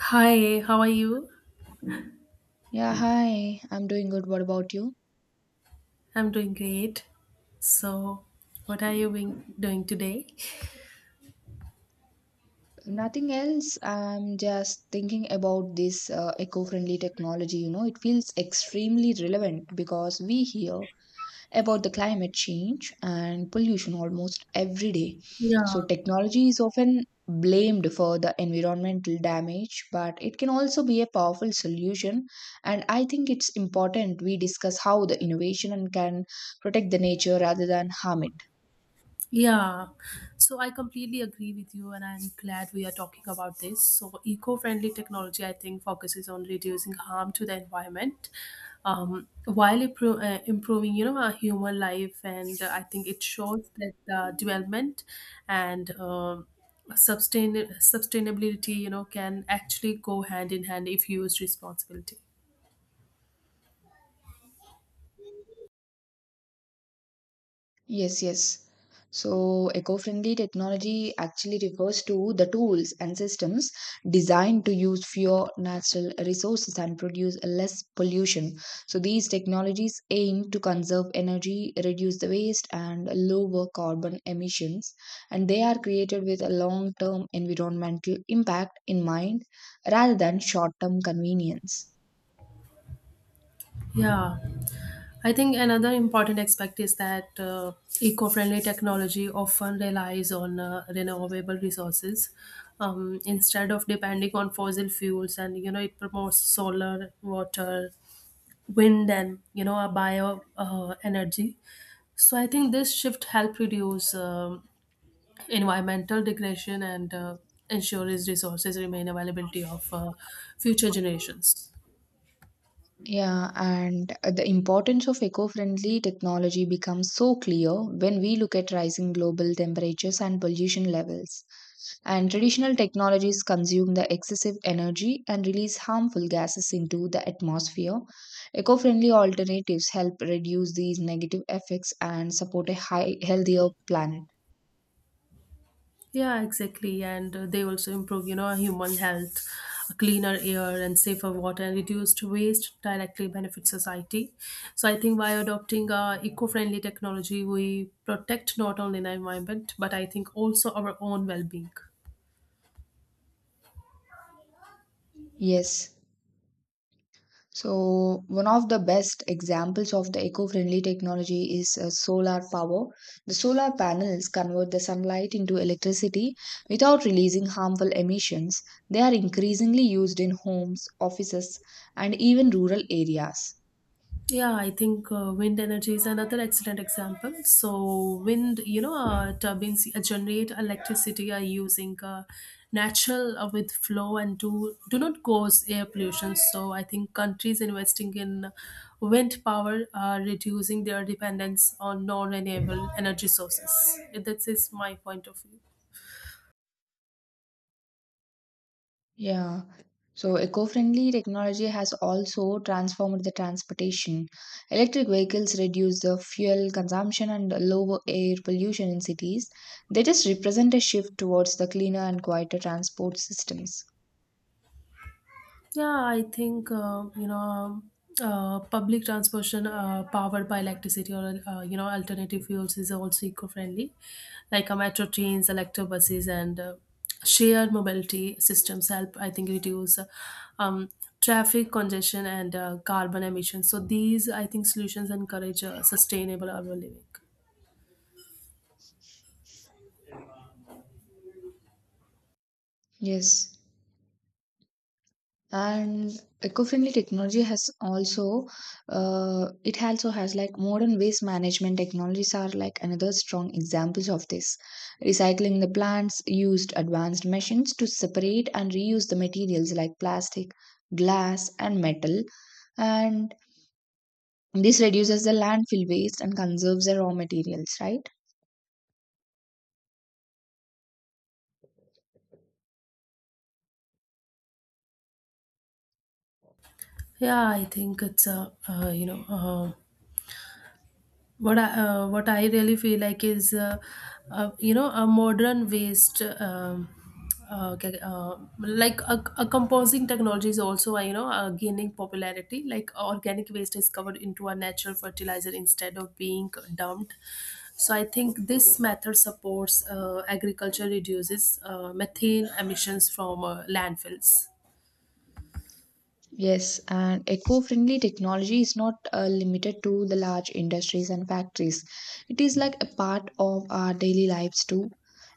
Hi, how are you? Yeah, hi. I'm doing good. What about you? I'm doing great. So, what are you doing today? Nothing else. I'm just thinking about this eco-friendly technology. You know, it feels extremely relevant because we hear about the climate change and pollution almost every day. So Yeah, technology is often blamed for the environmental damage, but it can also be a powerful solution. And I think it's important we discuss how the innovation can protect the nature rather than harm it. yeah. So, I completely agree with you, and I'm glad we are talking about this. So, eco friendly technology, I think, focuses on reducing harm to the environment while improving, you know, our human life. And I think it shows that the development and sustain- sustainability, you know, can actually go hand in hand if used responsibly. Yes, yes. So, eco friendly technology actually refers to the tools and systems designed to use fewer natural resources and produce less pollution. So, these technologies aim to conserve energy, reduce the waste, and lower carbon emissions. And they are created with a long term environmental impact in mind rather than short term convenience. Yeah, I think another important aspect is that eco friendly technology often relies on renewable resources instead of depending on fossil fuels, and you know, it promotes solar, water, wind, and you know, a bio energy. So, I think this shift help reduce environmental degradation and ensures resources remain availability of future generations. Yeah, and the importance of eco-friendly technology becomes so clear when we look at rising global temperatures and pollution levels. And traditional technologies consume the excessive energy and release harmful gases into the atmosphere. Eco-friendly alternatives help reduce these negative effects and support a high, healthier planet. Yeah, exactly. And they also improve, you know, human health, cleaner air and safer water and reduced waste directly benefit society. So I think by adopting eco-friendly technology, we protect not only the environment, but I think also our own well-being. Yes. So, one of the best examples of the eco friendly technology is solar power. The solar panels convert the sunlight into electricity without releasing harmful emissions. They are increasingly used in homes, offices, and even rural areas. Yeah, I think wind energy is another excellent example. So, wind, you know, turbines generate electricity using natural with flow and do not cause air pollution. So, I think countries investing in wind power are reducing their dependence on non-renewable energy sources. That is my point of view. Yeah. So eco-friendly technology has also transformed the transportation. Electric vehicles reduce the fuel consumption and lower air pollution in cities. They just represent a shift towards the cleaner and quieter transport systems. Yeah, I think public transportation powered by electricity or you know alternative fuels is also eco-friendly, like metro trains, electric buses, and shared mobility systems help I think reduce um, traffic congestion and carbon emissions. So these I think solutions encourage sustainable urban living. Yes. And eco-friendly technology has also it also has like modern waste management technologies are like another strong examples of this. Recycling the plants used advanced machines to separate and reuse the materials like plastic, glass, and metal, and this reduces the landfill waste and conserves the raw materials, right? Yeah, I think it's a you know. What I really feel like is you know a modern waste like a composing technology is also you know gaining popularity like organic waste is covered into a natural fertilizer instead of being dumped. So I think this method supports agriculture reduces methane emissions from landfills. Yes, and eco-friendly technology is not limited to the large industries and factories. It is like a part of our daily lives too.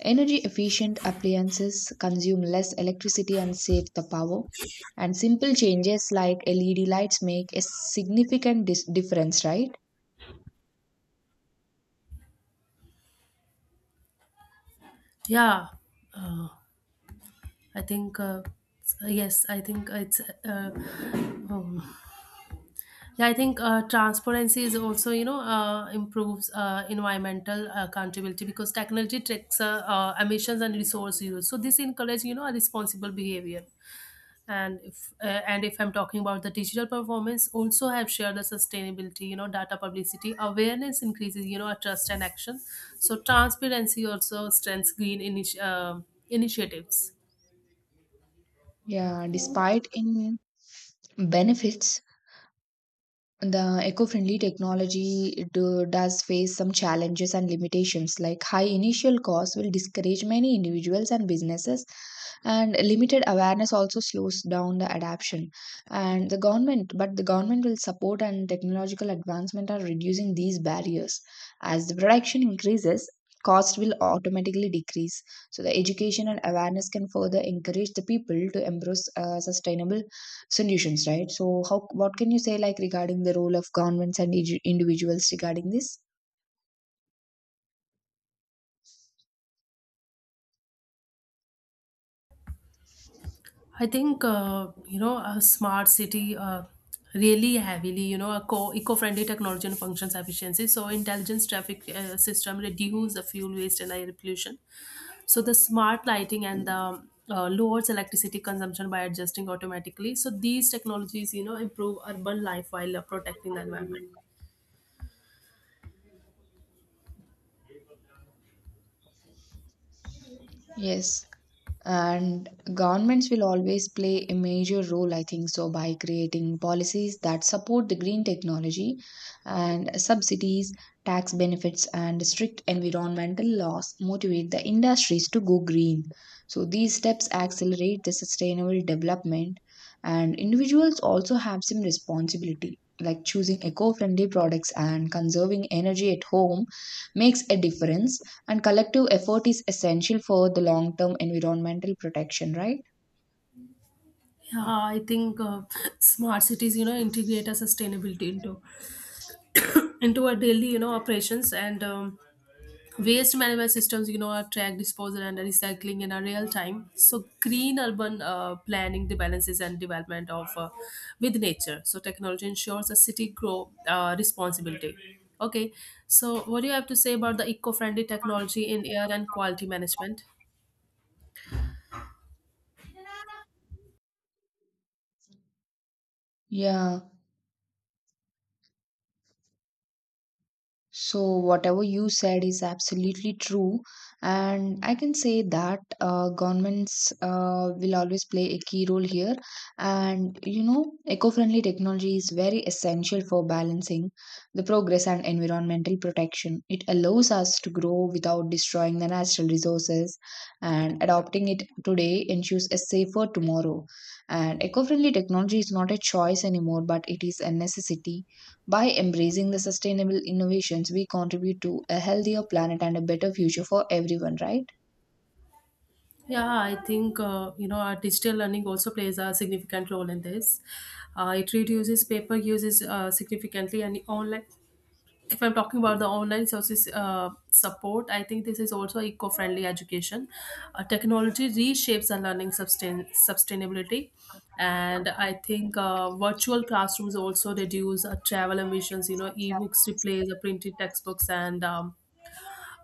Energy efficient appliances consume less electricity and save the power. And simple changes like LED lights make a significant difference, right? Yeah I think yes I think it's um, Yeah, I think transparency is also, you know, improves environmental accountability because technology tracks emissions and resource use. So this encourages, you know, a responsible behavior. And if uh, and if I'm talking about the digital performance, also have shared the sustainability, you know, data publicity awareness increases, you know, a trust and action. So transparency also strengthens initiatives. Yeah, despite in benefits, the eco-friendly technology does face some challenges and limitations, like high initial costs will discourage many individuals and businesses, and limited awareness also slows down the adoption. And the government, but the government will support and technological advancement are reducing these barriers. As the production increases, cost will automatically decrease. So the education and awareness can further encourage the people to embrace sustainable solutions, right? So how, what can you say like regarding the role of governments and individuals regarding this? I think you know a smart city really heavily you know eco-friendly technology and functions efficiency. So intelligence traffic system reduce the fuel waste and air pollution. So the smart lighting and the lowers electricity consumption by adjusting automatically. So these technologies you know improve urban life while protecting the environment. Yes. And governments will always play a major role, I think, so by creating policies that support the green technology, and subsidies, tax benefits, and strict environmental laws motivate the industries to go green. So these steps accelerate the sustainable development, and individuals also have some responsibility, like choosing eco-friendly products and conserving energy at home makes a difference, and collective effort is essential for the long term environmental protection, right? Yeah, I think smart cities you know integrate a sustainability into our daily you know operations and waste management systems you know are track disposal and recycling in a real time. So green urban planning the balances and development of with nature. So technology ensures a city grow responsibility. Okay, so what do you have to say about the eco-friendly technology in air and quality management? Yeah. So, whatever you said is absolutely true, and I can say that governments will always play a key role here. And you know, eco-friendly technology is very essential for balancing the progress and environmental protection. It allows us to grow without destroying the natural resources, and adopting it today ensures a safer tomorrow. And eco-friendly technology is not a choice anymore, but it is a necessity. By embracing the sustainable innovations, we contribute to a healthier planet and a better future for everyone, right? Yeah, I think you know our digital learning also plays a significant role in this. It reduces paper uses significantly and online, if I'm talking about the online services support, I think this is also eco-friendly education. Technology reshapes the learning sustainability, and I think virtual classrooms also reduce travel emissions. You know, e-books replace the printed textbooks, and um,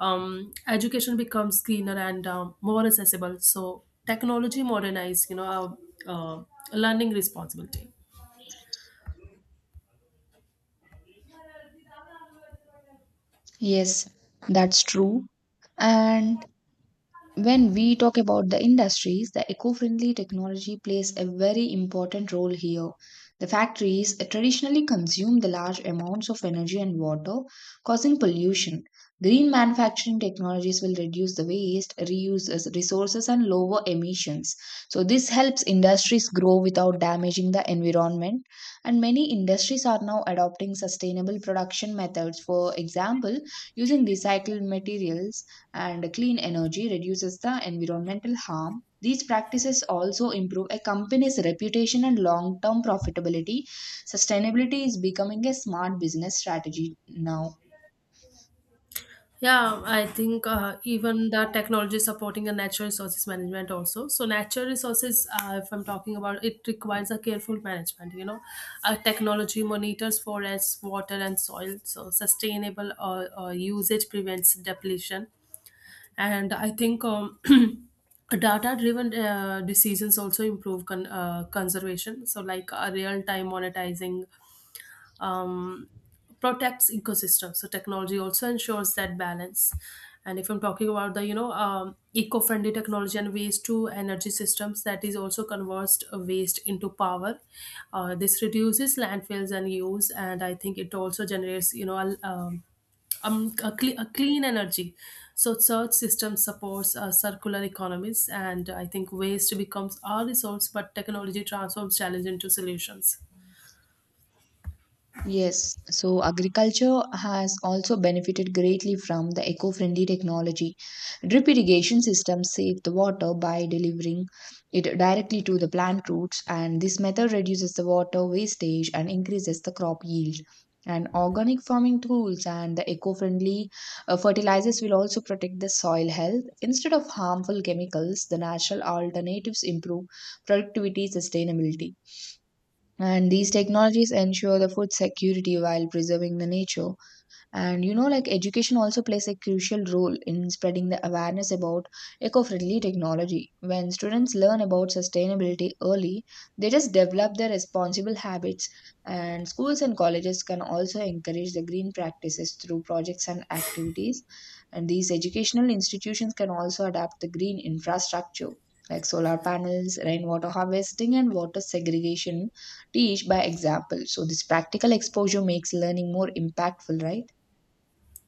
um, education becomes greener and more accessible. So technology modernize, you know, our uh, learning responsibility. Yes, that's true. And when we talk about the industries, the eco friendly technology plays a very important role here. The factories traditionally consume the large amounts of energy and water, causing pollution. Green manufacturing technologies will reduce the waste, reuse as resources, and lower emissions. So, this helps industries grow without damaging the environment. And many industries are now adopting sustainable production methods, for example, using recycled materials and clean energy reduces the environmental harm. These practices also improve a company's reputation and long term profitability. Sustainability is becoming a smart business strategy now. Yeah, I think even the technology supporting the natural resources management also. So natural resources, if I'm talking about, it requires a careful management. You know, technology monitors forests, water, and soil. So sustainable usage prevents depletion, and I think data-driven decisions also improve conservation. So like real-time monetizing um, protects ecosystems. So technology also ensures that balance. And if I'm talking about the you know eco-friendly technology and waste to energy systems, that is also converts waste into power. This reduces landfills and use, and I think it also generates you know a clean energy. So such system supports circular economies, and I think waste becomes our resource, but technology transforms challenge into solutions. Yes, so agriculture has also benefited greatly from the eco friendly technology. Drip irrigation systems save the water by delivering it directly to the plant roots, and this method reduces the water wastage and increases the crop yield. And organic farming tools and the eco friendly fertilizers will also protect the soil health. Instead of harmful chemicals, the natural alternatives improve productivity, sustainability, and these technologies ensure the food security while preserving the nature. And you know, like education also plays a crucial role in spreading the awareness about eco-friendly technology. When students learn about sustainability early, they just develop their responsible habits, and schools and colleges can also encourage the green practices through projects and activities, and these educational institutions can also adapt the green infrastructure like solar panels, rainwater harvesting, and water segregation, teach by example. So this practical exposure makes learning more impactful, right?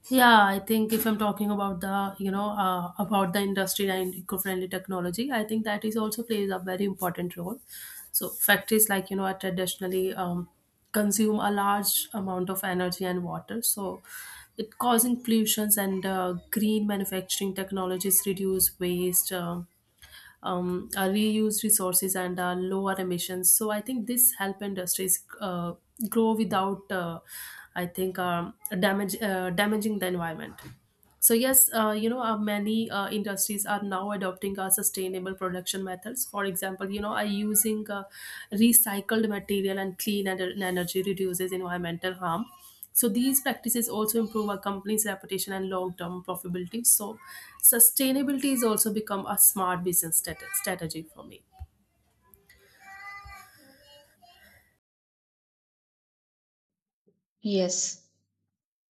Yeah, I think if I'm talking about the, you know, about the industry and eco-friendly technology, I think that is also plays a very important role. So factories like, you know, are traditionally consume a large amount of energy and water. So it causing pollutions and green manufacturing technologies reduce waste, reuse resources and lower emissions. So I think this help industries grow without, I think, damage damaging the environment. So yes, you know, many industries are now adopting sustainable production methods. For example, you know, are using recycled material and clean and energy reduces environmental harm. So these practices also improve a company's reputation and long-term profitability. So sustainability is also become a smart business strategy for me. Yes.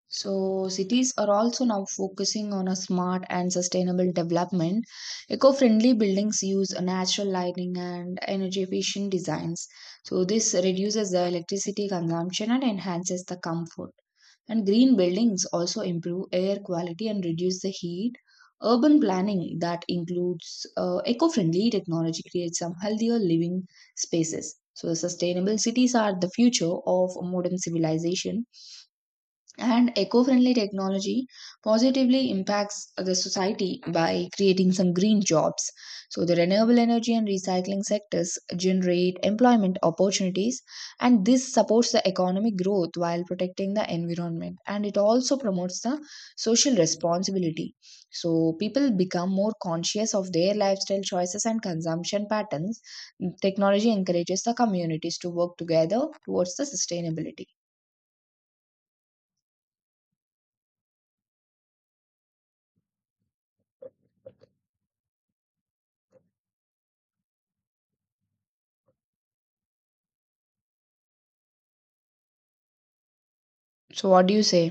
So cities are also now focusing on a smart and sustainable development. Eco-friendly buildings use natural lighting and energy efficient designs. So this reduces the electricity consumption and enhances the comfort. And green buildings also improve air quality and reduce the heat. Urban planning that includes eco-friendly technology creates some healthier living spaces. So sustainable cities are the future of modern civilization, and eco friendly technology positively impacts the society by creating some green jobs. So, the renewable energy and recycling sectors generate employment opportunities, and this supports the economic growth while protecting the environment. And it also promotes the social responsibility. So, people become more conscious of their lifestyle choices and consumption patterns. Technology encourages the communities to work together towards the sustainability. So, what do you say?